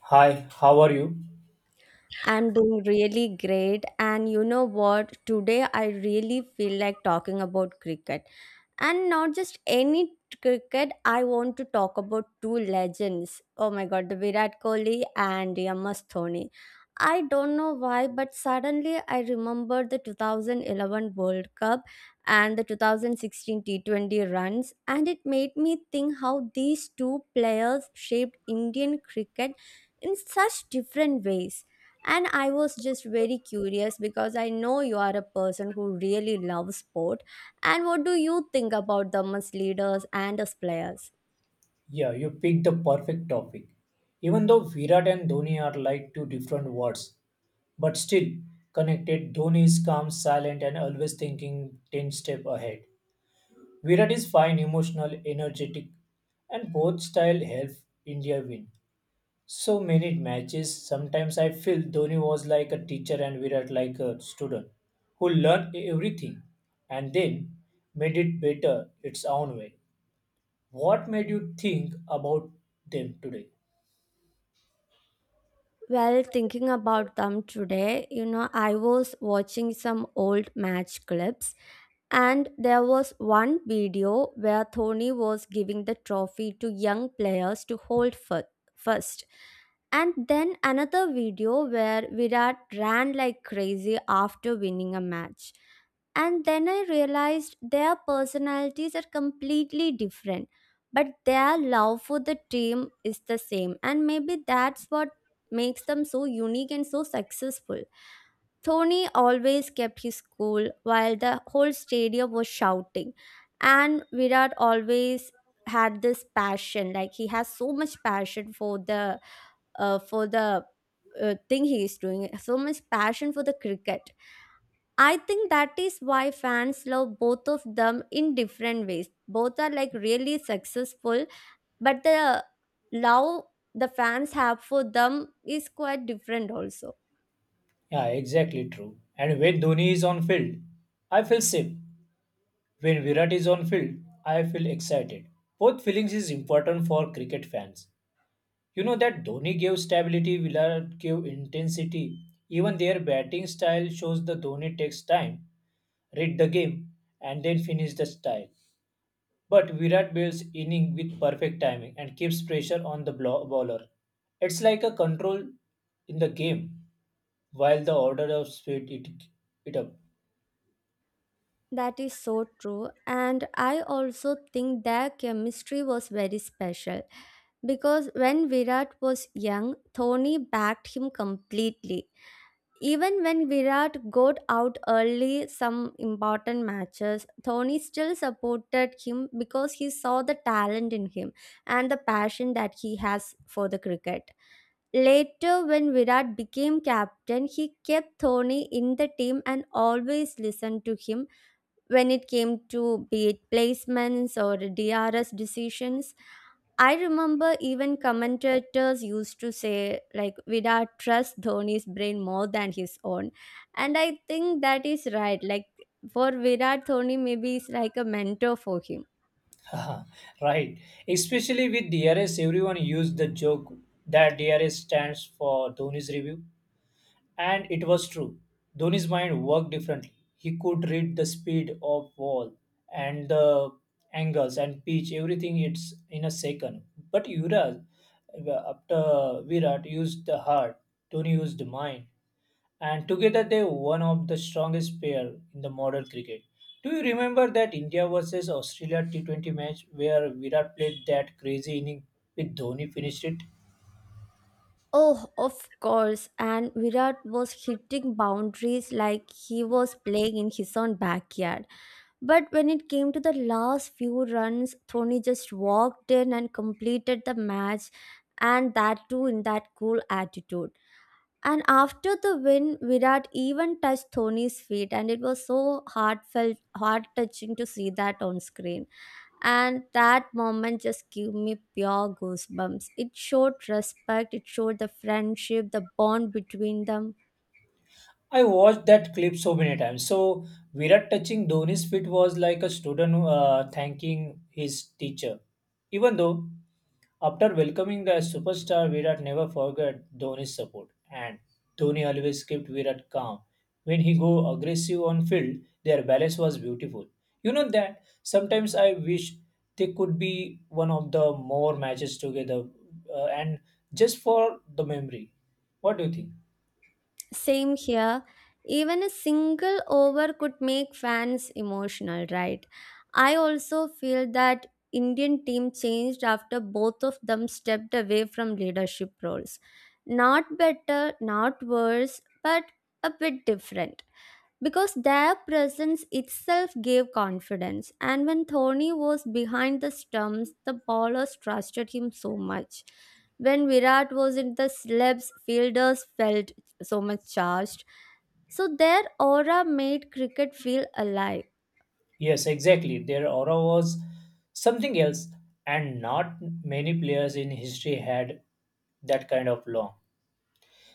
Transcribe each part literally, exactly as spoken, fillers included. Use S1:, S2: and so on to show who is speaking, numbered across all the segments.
S1: Hi, how are you?
S2: I'm doing really great. And you know what? Today I really feel like talking about cricket. And not just any cricket, I want to talk about two legends. Oh my god, the Virat Kohli and M S Dhoni. I don't know why, but suddenly I remembered the two thousand eleven World Cup and the two thousand sixteen T twenty runs, and it made me think how these two players shaped Indian cricket in such different ways. And i was just very curious because I know you are a person who really loves sport. And what do you think about them as leaders and as players?
S1: Yeah, you picked the perfect topic. Even though Virat and Dhoni are like two different words, but still connected, Dhoni is calm, silent, and always thinking ten steps ahead. Virat is fine, emotional, energetic, and both style help India win. So many matches, sometimes I feel Dhoni was like a teacher and Virat like a student who learned everything and then made it better its own way. What made you think about them today?
S2: Well, thinking about them today, you know, I was watching some old match clips. And there was one video where Thony was giving the trophy to young players to hold fir- first. And then another video where Virat ran like crazy after winning a match. And then I realized their personalities are completely different, but their love for the team is the same. And maybe that's what makes them so unique and so successful. Tony always kept his cool while the whole stadium was shouting. And Virat always had this passion, like he has so much passion for the uh, for the uh, thing he is doing, so much passion for the cricket. I think that is why fans love both of them in different ways. Both are like really successful, but the love the fans have for them is quite different also.
S1: Yeah, exactly true. And when Dhoni is on field, I feel safe. When Virat is on field, I feel excited. Both feelings is important for cricket fans. You know that Dhoni gave stability, Virat gave intensity. Even their batting style shows the Dhoni takes time, read the game, and then finish the style. But Virat builds inning with perfect timing and keeps pressure on the blo- bowler. It's like a control in the game. While the order of speed it it
S2: That is so true. And I also think their chemistry was very special because when Virat was young, Dhoni backed him completely. Even when Virat got out early some important matches, Dhoni still supported him because he saw the talent in him and the passion that he has for the cricket. Later, when Virat became captain, he kept Dhoni in the team and always listened to him when it came to be it placements or D R S decisions. I remember even commentators used to say like Virat trusts Dhoni's brain more than his own. And I think that is right. Like, for Virat, Dhoni maybe is like a mentor for him.
S1: up right, especially with DRS everyone used the joke that DRS stands for Dhoni's review, and it was true. Dhoni's mind worked differently. He could read the speed of ball, and the angles and pitch everything it's in a second. But Yuvraj, uh, after Virat used the heart, Dhoni used the mind, and together they were one of the strongest pair in the modern cricket. Do you remember that India versus Australia T twenty match where Virat played that crazy inning with Dhoni finished it?
S2: Oh, of course. And Virat was hitting boundaries like he was playing in his own backyard. But when it came to the last few runs, Tony just walked in and completed the match, and that too in that cool attitude. And after the win, Virat even touched Tony's feet, and it was so heartfelt, heart touching to see that on screen. And that moment just gave me pure goosebumps. It showed respect, it showed the friendship, the bond between them.
S1: I watched that clip so many times. So Virat touching Dhoni's feet was like a student uh, thanking his teacher, even though after welcoming the superstar, Virat never forgot Dhoni's support, and Dhoni always kept Virat calm. When he go aggressive on field, their balance was beautiful. You know that sometimes I wish they could be one of the more matches together, uh, and just for the memory. What do you think?
S2: Same here. Even a single over could make fans emotional, right? I also feel that Indian team changed after both of them stepped away from leadership roles. Not better, not worse, but a bit different, because their presence itself gave confidence. And when Thorny was behind the stumps, the bowlers trusted him so much. When Virat was in the slabs, fielders felt so much charged. So their aura made cricket feel alive.
S1: Yes, exactly. Their aura was something else, and not many players in history had that kind of long.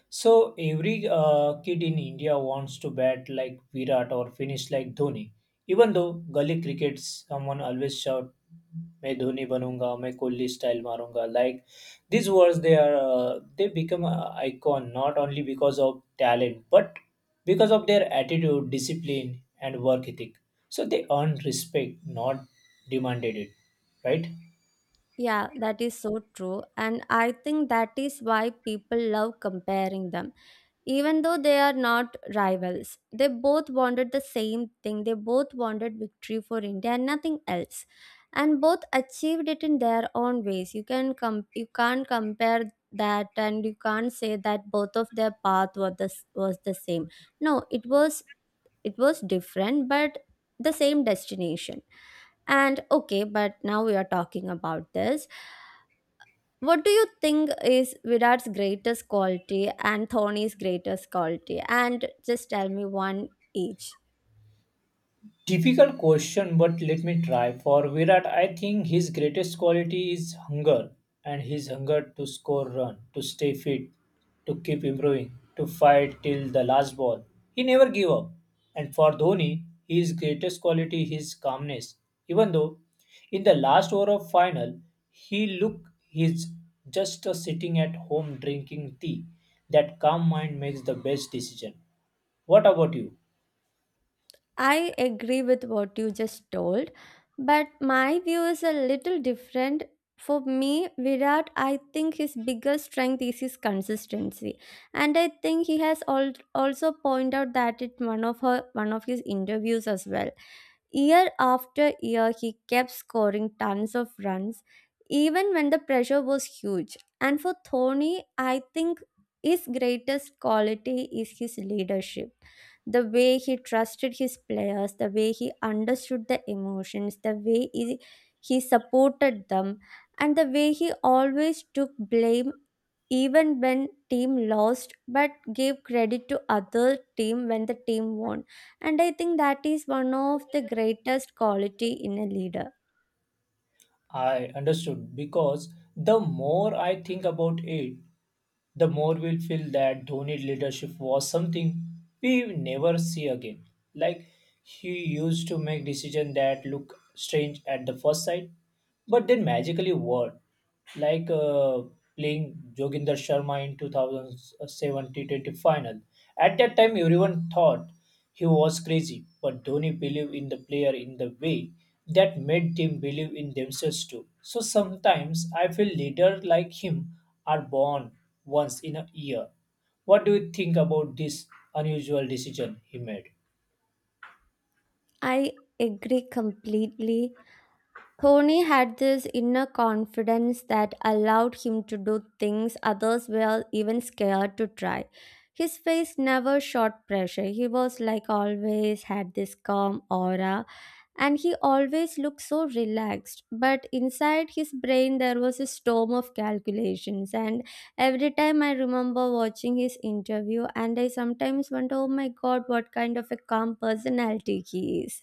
S1: So every uh, kid in India wants to bat like Virat or finish like Dhoni. Even though gully cricket, someone always shout, "मैं धोनी बनूंगा, मैं Kohli style मारूंगा." Like these words, they are uh, they become an icon not only because of talent but because of their attitude, discipline, and work ethic. So they earn respect, not demanded it, right?
S2: Yeah, that is so true. And I think that is why people love comparing them, even though they are not rivals. They both wanted the same thing, they both wanted victory for India and nothing else. And both achieved it in their own ways. You can com- you can't compare that, and you can't say that both of their path were the, s- was the same. No, it was, it was different, but the same destination. And okay, but now we are talking about this, what do you think is Virat's greatest quality and Thorny's greatest quality? And just tell me one each.
S1: Difficult question, but let me try. For Virat, I think his greatest quality is hunger and his hunger to score run, to stay fit, to keep improving, to fight till the last ball. He never gave up. And for Dhoni, his greatest quality his calmness. Even though in the last over of final, he looked he's just a sitting at home drinking tea. That calm mind makes the best decision. What about you?
S2: I agree with what you just told, but my view is a little different. For me, Virat, I think his biggest strength is his consistency, and I think he has al- also pointed out that in one of her one of his interviews as well. Year after year, he kept scoring tons of runs, even when the pressure was huge. And for Thorny, I think his greatest quality is his leadership. The way he trusted his players, the way he understood the emotions, the way he, he supported them, and the way he always took blame even when team lost, but gave credit to other team when the team won. And I think that is one of the greatest quality in a leader.
S1: I understood because the more I think about it, the more we'll feel that Dhoni's leadership was something we will never see again. Like he used to make decisions that look strange at the first sight, but then magically work. Like uh, Playing Joginder Sharma in two thousand seven T twenty final. At that time, everyone thought he was crazy, but Dhoni believed in the player in the way that made them believe in themselves too. So sometimes I feel leaders like him are born once in a year. What do you think about this unusual decision he made?
S2: I agree completely. Tony had this inner confidence that allowed him to do things others were even scared to try. His face never showed pressure. He was like always had this calm aura, and he always looked so relaxed, but inside his brain there was a storm of calculations. And every time, I remember watching his interview, and I sometimes wonder, oh my god, what kind of a calm personality he is.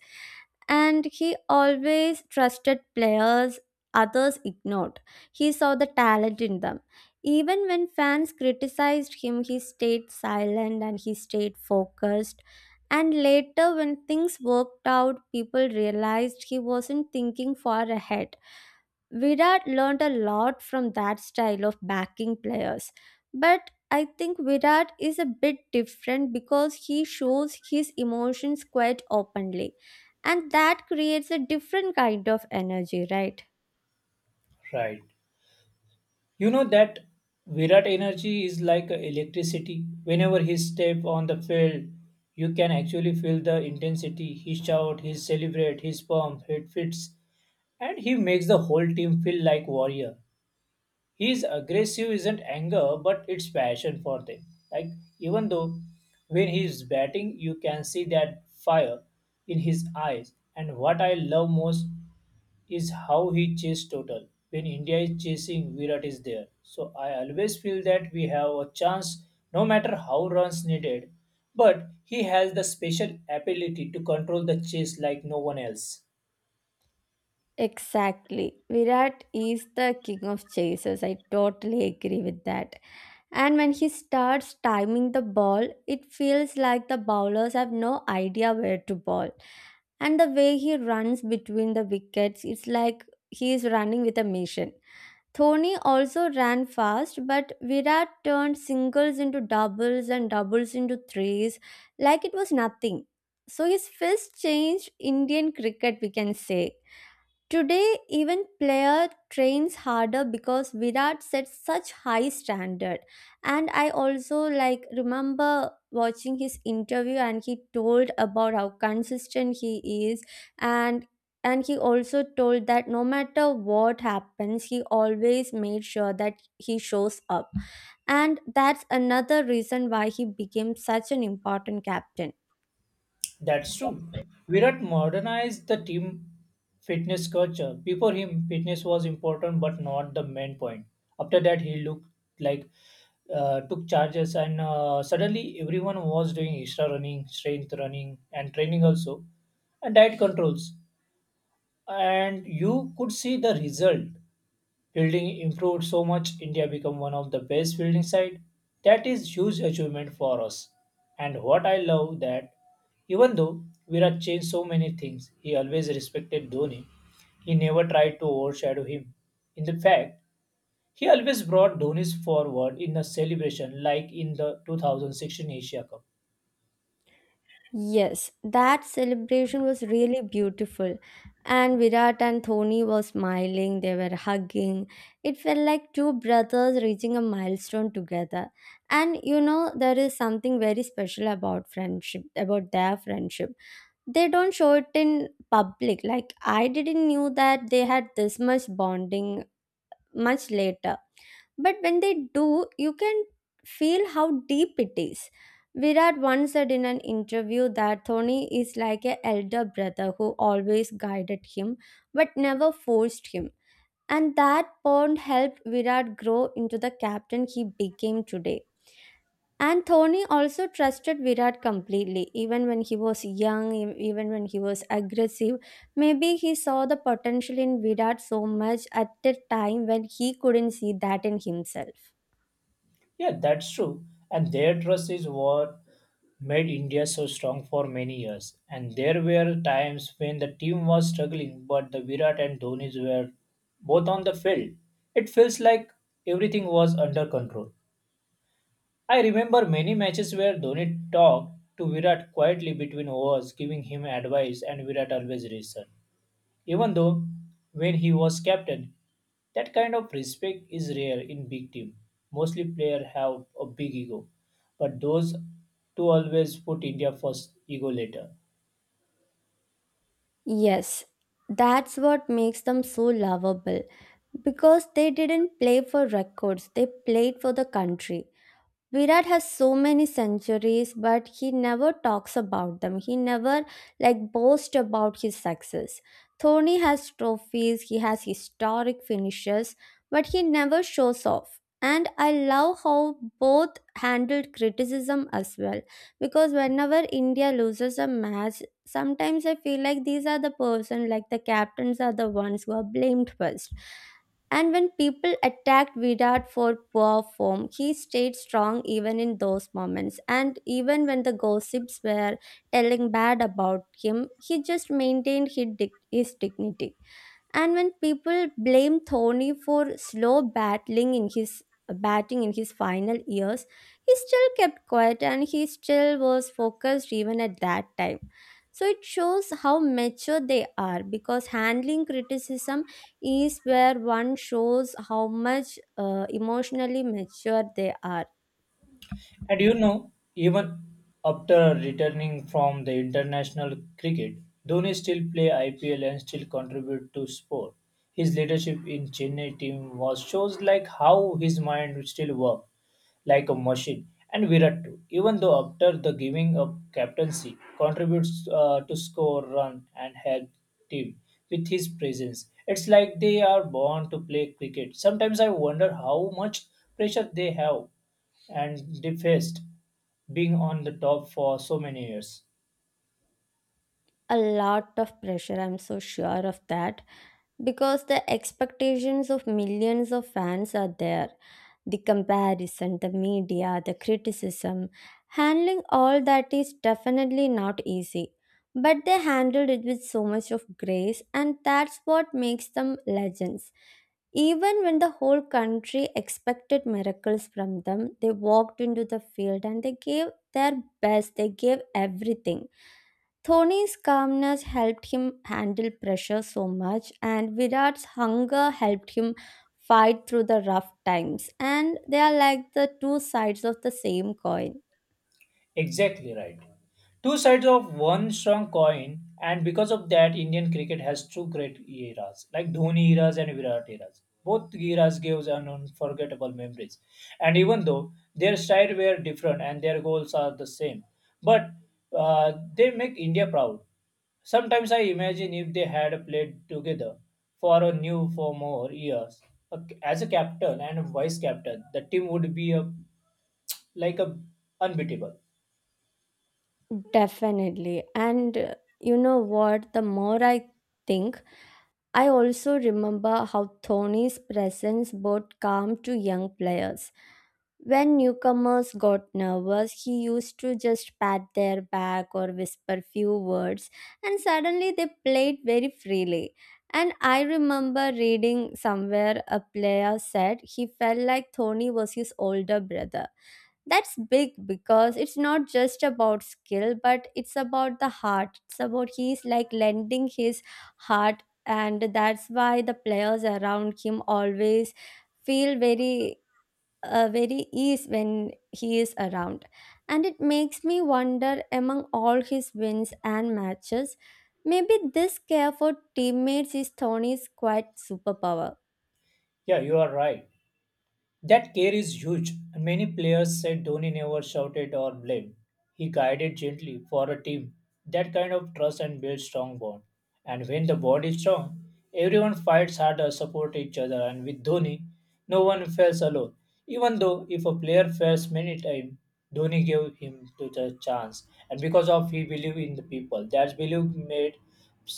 S2: And he always trusted players others ignored. He saw the talent in them. Even when fans criticized him, he stayed silent and he stayed focused. And later, when things worked out, people realized he wasn't thinking far ahead. Virat learned a lot from that style of backing players. But I think Virat is a bit different because he shows his emotions quite openly. And that creates a different kind of energy, right?
S1: Right. You know that Virat energy is like electricity. Whenever he step on the field, you can actually feel the intensity. He shout, he celebrate, his pump, he fits, and he makes the whole team feel like warrior. His aggressive isn't anger but it's passion for them. Like even though when he is batting you can see that fire in his eyes. And what I love most is how he chases total. When India is chasing, Virat is there, so I always feel that we have a chance no matter how runs needed. But he has the special ability to control the chase like no one else.
S2: Exactly. Virat is the king of chasers. I totally agree with that. And when he starts timing the ball, it feels like the bowlers have no idea where to ball. And the way he runs between the wickets, it's like he is running with a mission. Thoni also ran fast, but Virat turned singles into doubles and doubles into threes like it was nothing. So his fist changed Indian cricket, we can say. Today, even player trains harder because Virat set such high standard. And I also like remember watching his interview and he told about how consistent he is, and and he also told that no matter what happens, he always made sure that he shows up. And that's another reason why he became such an important captain.
S1: That's true. Virat modernized the team fitness culture. Before him, fitness was important but not the main point. After that, he looked like uh, took charges, and uh, suddenly everyone was doing extra running, strength running, and training also, and diet controls. And you could see the result. Fielding improved so much, India became one of the best fielding side. That is huge achievement for us. And what I love that even though Virat changed so many things, he always respected Dhoni. He never tried to overshadow him. In the fact, he always brought Dhoni's forward in the celebration like in the two thousand sixteen Asia Cup.
S2: Yes, that celebration was really beautiful. And Virat and Thoni were smiling, they were hugging. It felt like two brothers reaching a milestone together. And you know, there is something very special about friendship, about their friendship. They don't show it in public. Like, I didn't knew that they had this much bonding much later, but when they do, you can feel how deep it is. Virat once said in an interview that Thoni is like an elder brother who always guided him but never forced him, and that bond helped Virat grow into the captain he became today. And Thony also trusted Virat completely, even when he was young, e- even when he was aggressive. Maybe he saw the potential in Virat so much at a time when he couldn't see that in himself.
S1: Yeah, that's true. And their trust is what made India so strong for many years. And there were times when the team was struggling, but the Virat and Dhoni's were both on the field. It feels like everything was under control. I remember many matches where Dhoni talked to Virat quietly between overs, giving him advice, and Virat always listened. Even though when he was captain, that kind of respect is rare in big team. Mostly players have a big ego, but those two always put India first, ego later.
S2: Yes, that's what makes them so lovable because they didn't play for records, they played for the country. Virat has so many centuries, but he never talks about them. He never like boasts about his success. Thorny has trophies, he has historic finishes, but he never shows off. And I love how both handled criticism as well. Because whenever India loses a match, sometimes I feel like these are the person, like the captains are the ones who are blamed first. And when people attacked Virat for poor form, he stayed strong even in those moments. And even when the gossips were telling bad about him, he just maintained his, dig- his dignity. And when people blame Thorny for slow battling in his batting in his final years, he still kept quiet and he still was focused even at that time. So it shows how mature they are, because handling criticism is where one shows how much uh, emotionally mature they are.
S1: And you know, even after returning from the international cricket, Dhoni still play I P L and still contribute to sport. His leadership in Chennai team was shows like how his mind still work like a machine. And Virat too, even though after the giving up captaincy, contributes uh, to score run and help team with his presence. It's like they are born to play cricket. Sometimes I wonder how much pressure they have and they faced being on the top for so many years.
S2: A lot of pressure, I'm so sure of that. Because the expectations of millions of fans are there, the comparison, the media, the criticism, handling all that is definitely not easy. But they handled it with so much of grace, and that's what makes them legends. Even when the whole country expected miracles from them, they walked into the field and they gave their best. They gave everything. Dhoni's calmness helped him handle pressure so much, and Virat's hunger helped him fight through the rough times. And they are like the two sides of the same coin.
S1: Exactly right. Two sides of one strong coin, and because of that, Indian cricket has two great eras, like Dhoni eras and Virat eras. Both eras gives an unforgettable memories, and even though their style were different and their goals are the same, but uh, they make India proud. Sometimes I imagine if they had played together for a new for more years, a- as a captain and a vice captain, the team would be a, like a unbeatable.
S2: Definitely. And uh, you know what? The more I think, I also remember how Tony's presence brought calm to young players. When newcomers got nervous, he used to just pat their back or whisper few words, and suddenly they played very freely. And I remember reading somewhere a player said he felt like Tony was his older brother. That's big because it's not just about skill, but it's about the heart. It's about he's like lending his heart, and that's why the players around him always feel very uh, very ease when he is around. And it makes me wonder, among all his wins and matches, maybe this care for teammates is Tony's quite superpower.
S1: Yeah, you are right. That care is huge, and many players said Dhoni never shouted or blamed. He guided gently for a team. That kind of trust and builds strong bond. And when the bond is strong, everyone fights harder, support each other, and with Dhoni, no one fails alone. Even though if a player fails many times, Dhoni gave him to the chance, and because of he believed in the people, that belief made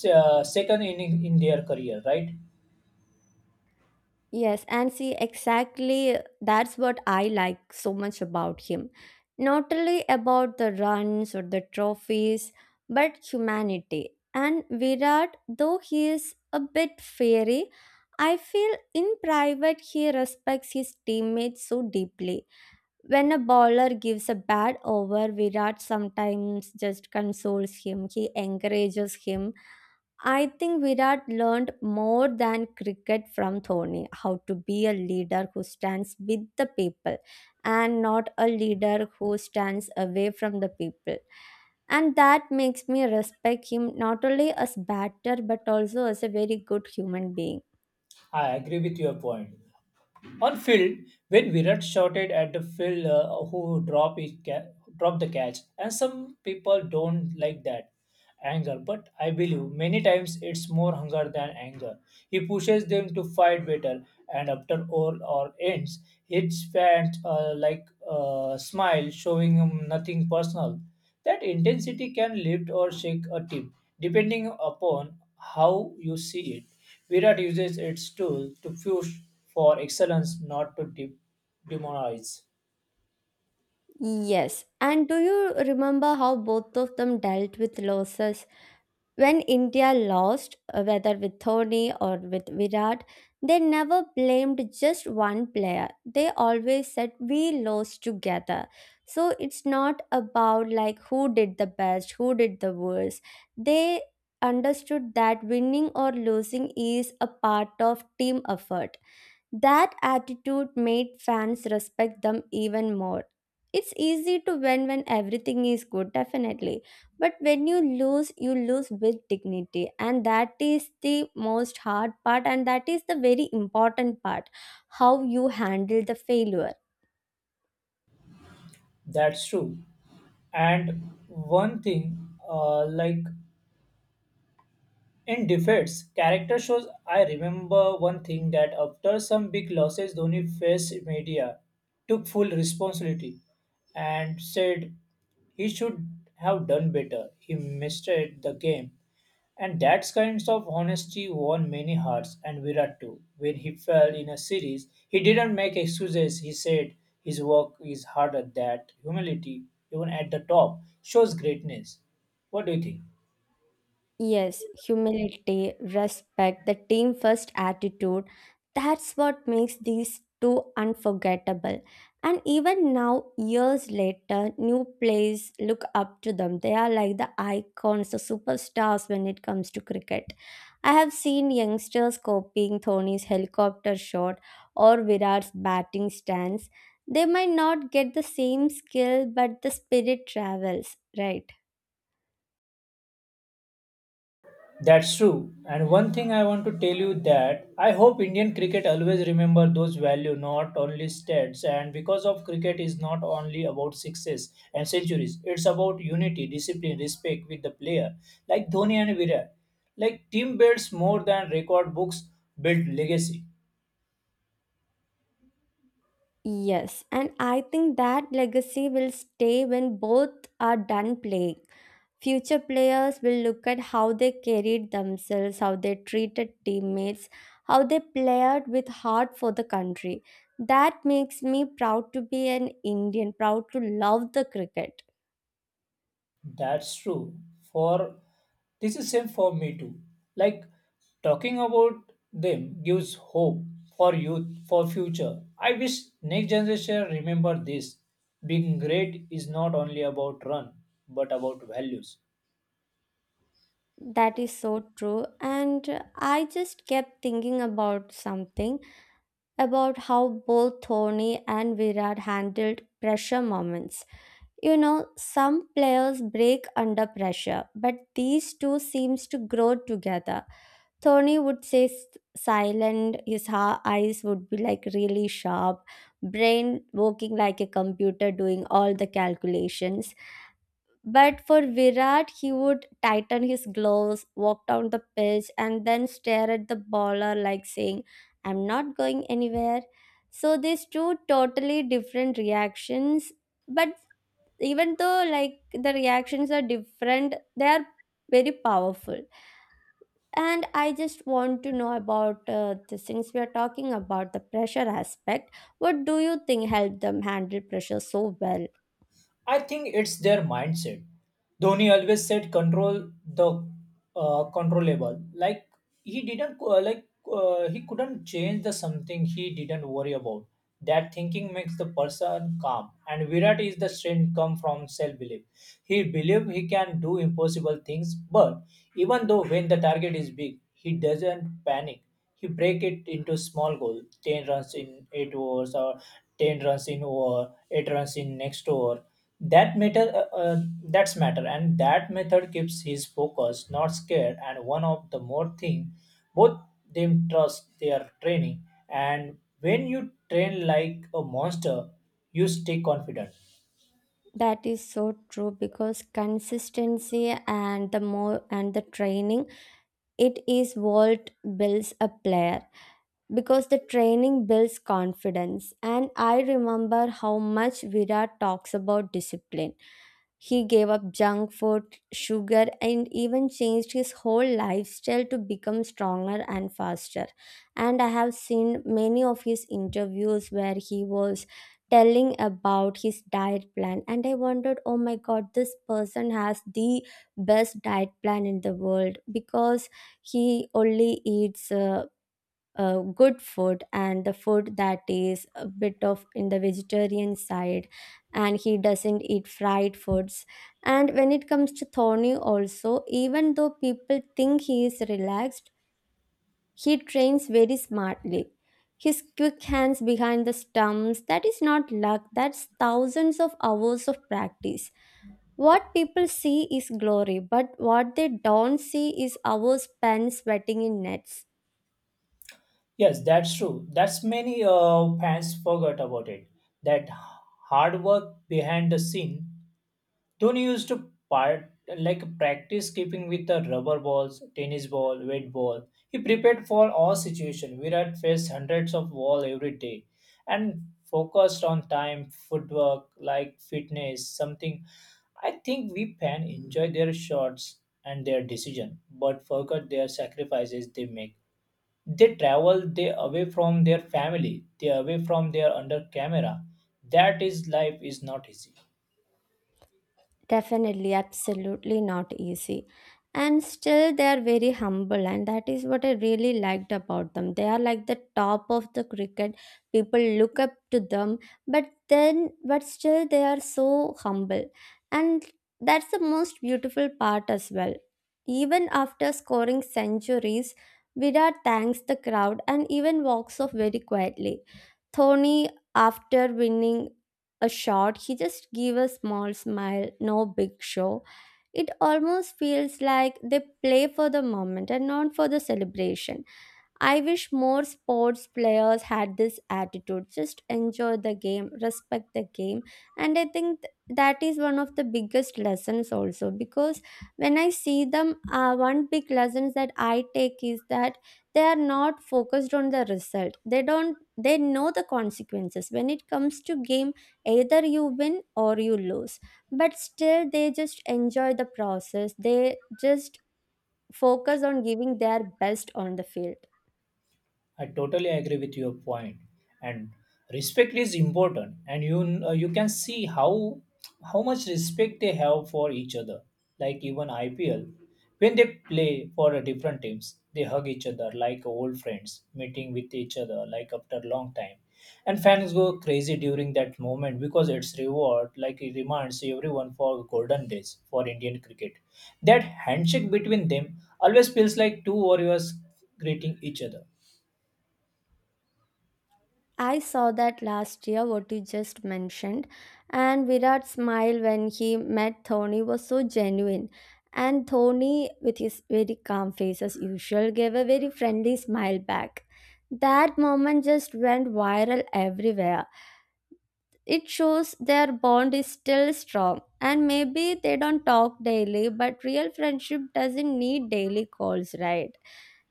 S1: uh, second inning in their career. Right?
S2: Yes, and see, exactly that's what I like so much about him. Not only about the runs or the trophies, but humanity. And Virat, though he is a bit fiery, I feel in private he respects his teammates so deeply. When a bowler gives a bad over, Virat sometimes just consoles him, he encourages him. I think Virat learned more than cricket from Thorny, how to be a leader who stands with the people and not a leader who stands away from the people. And that makes me respect him not only as batter but also as a very good human being.
S1: I agree with your point. On field, when Virat shouted at the field uh, who drop his ca- dropped the catch, and some people don't like that anger, but I believe many times it's more hunger than anger. He pushes them to fight better, and after all or ends, his fans uh, like uh, smile, showing him nothing personal. That intensity can lift or shake a team, depending upon how you see it. Virat uses its tool to push for excellence, not to de- demonize.
S2: Yes. And do you remember how both of them dealt with losses? When India lost, uh, whether with Dhoni or with Virat, they never blamed just one player. They always said, we lost together. So it's not about like who did the best, who did the worst. They understood that winning or losing is a part of team effort. That attitude made fans respect them even more. It's easy to win when everything is good, definitely. But when you lose, you lose with dignity. And that is the most hard part, and that is the very important part, how you handle the failure.
S1: That's true. And one thing, uh, like in defeats, character shows. I remember one thing that after some big losses, Dhoni faced media, took full responsibility, and said he should have done better. He misread the game. And that kinds of honesty won many hearts. And Virat too. When he fell in a series, he didn't make excuses. He said his work is harder that humility, even at the top, shows greatness. What do you think?
S2: Yes, humility, respect, the team first attitude. That's what makes these two unforgettable. And even now, years later, new players look up to them. They are like the icons, the superstars when it comes to cricket. I have seen youngsters copying Dhoni's helicopter shot or Virat's batting stance. They might not get the same skill, but the spirit travels, right?
S1: That's true. And one thing I want to tell you that I hope Indian cricket always remember those value, not only stats. And because of cricket is not only about sixes and centuries, it's about unity, discipline, respect with the player, like Dhoni and Virat. Like team builds more than record books build legacy.
S2: Yes, and I think that legacy will stay when both are done playing. Future players will look at how they carried themselves, how they treated teammates, how they played with heart for the country. That makes me proud to be an Indian, proud to love the cricket.
S1: That's true. For this is same for me too. Like talking about them gives hope for youth, for future. I wish next generation remember this. Being great is not only about run, but about values.
S2: That is so true. And uh, I just kept thinking about something, about how both Dhoni and Virat handled pressure moments. You know, some players break under pressure, but these two seems to grow together. Tony would say s- silent, his ha- eyes would be like really sharp, brain working like a computer doing all the calculations. But for Virat, he would tighten his gloves, walk down the pitch, and then stare at the bowler like saying, I'm not going anywhere. So these two totally different reactions, but even though like the reactions are different, they are very powerful. And I just want to know about uh, this. Since we are talking about the pressure aspect, what do you think helped them handle pressure so well?
S1: I think it's their mindset. Dhoni always said control the uh, controllable. Like he didn't uh, like uh, He couldn't change the something he didn't worry about. That thinking makes the person calm. And Virat is the strength come from self belief. He believe he can do impossible things, but even though when the target is big, he doesn't panic. He break it into small goal, ten runs in eight overs or ten runs in over, eight runs in next over, that matter uh, uh, that's matter. And that method keeps his focus not scared. And one of the more thing both them trust their training, and when you train like a monster you stay confident.
S2: That is so true, because consistency and the more and the training, it is what builds a player, because the training builds confidence. And I remember how much Virat talks about discipline. He gave up junk food, sugar, and even changed his whole lifestyle to become stronger and faster. And I have seen many of his interviews where he was telling about his diet plan. And I wondered, oh my god, this person has the best diet plan in the world because he only eats. Uh, uh, good food, and the food that is a bit of in the vegetarian side, and he doesn't eat fried foods. And when it comes to Thorny also, even though people think he is relaxed, he trains very smartly. His quick hands behind the stumps, that is not luck, that's thousands of hours of practice. What people see is glory, but what they don't see is hours spent sweating in nets.
S1: Yes, that's true. That's many uh, fans forgot about it, that hard work behind the scene. Dhoni used to part like practice keeping with the rubber balls, tennis ball, wet ball. He prepared for all situation. Virat faced hundreds of ball every day, and focused on time, footwork, like fitness, something. I think we fan enjoy their shots and their decision, but forget their sacrifices they make. They travel, they away from their family, they away from their under camera. That is life is not easy.
S2: Definitely, absolutely not easy. And still, they are very humble, and that is what I really liked about them. They are like the top of the cricket. People look up to them, but then, but still, they are so humble. And that's the most beautiful part as well. Even after scoring centuries, Virat thanks the crowd and even walks off very quietly. Tony, after winning a shot, he just gave a small smile, no big show. It almost feels like they play for the moment and not for the celebration. I wish more sports players had this attitude. Just enjoy the game, respect the game. And I think th- that is one of the biggest lessons also because when I see them, uh, one big lessons that I take is that they are not focused on the result. They don't, they know the consequences. When it comes to game, either you win or you lose. But still, they just enjoy the process. They just focus on giving their best on the field.
S1: I totally agree with your point, and respect is important, and you uh, you can see how how much respect they have for each other. Like even I P L, when they play for uh, different teams, they hug each other like old friends, meeting with each other like after a long time, and fans go crazy during that moment because it's reward like it reminds everyone for golden days for Indian cricket. That handshake between them always feels like two warriors greeting each other.
S2: I saw that last year, what you just mentioned. And Virat's smile when he met Thony was so genuine. And Thony, with his very calm face as usual, gave a very friendly smile back. That moment just went viral everywhere. It shows their bond is still strong, and maybe they don't talk daily, but real friendship doesn't need daily calls, right?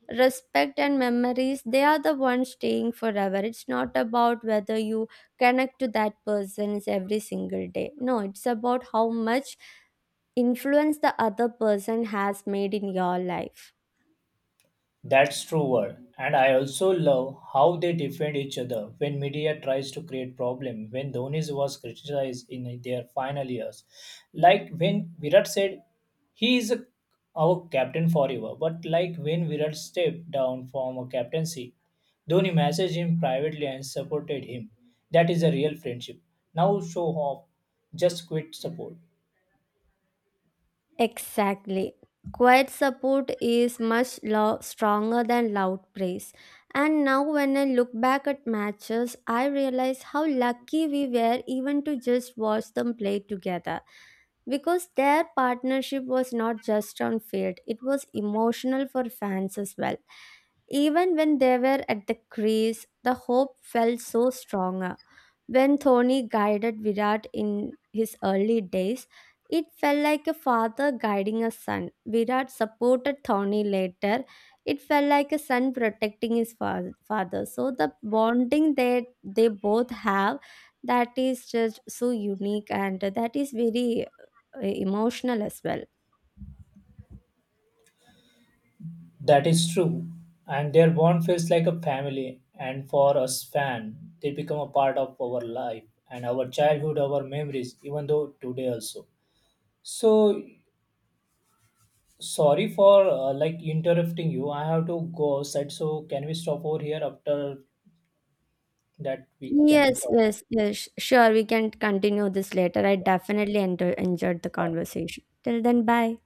S2: Respect and memories, they are the ones staying forever. It's not about whether you connect to that person every single day. No, it's about how much influence the other person has made in your life.
S1: That's true word. And I also love how they defend each other when media tries to create problem when Dhoni's was criticized in their final years. Like when Virat said he is a, our captain forever, but like when Virat stepped down from a captaincy, Dhoni messaged him privately and supported him. That is a real friendship. Now show off, just quit support.
S2: Exactly. Quiet support is much lo- stronger than loud praise. And now, when I look back at matches, I realize how lucky we were even to just watch them play together. Because their partnership was not just on field, it was emotional for fans as well. Even when they were at the crease, the hope felt so stronger. When Thony guided Virat in his early days, it felt like a father guiding a son. Virat supported Thorny later. It felt like a son protecting his fa- father. So the bonding that they both have, that is just so unique, and that is very uh, emotional as well.
S1: That is true. And their bond feels like a family. And for us fan, they become a part of our life and our childhood, our memories, even though today also. So sorry for uh, like interrupting you. I have to go outside. So can we stop over here after that we can
S2: Yes,
S1: talk?
S2: yes, yes. Sure, we can continue this later. I definitely enter- enjoyed the conversation. Till then, bye.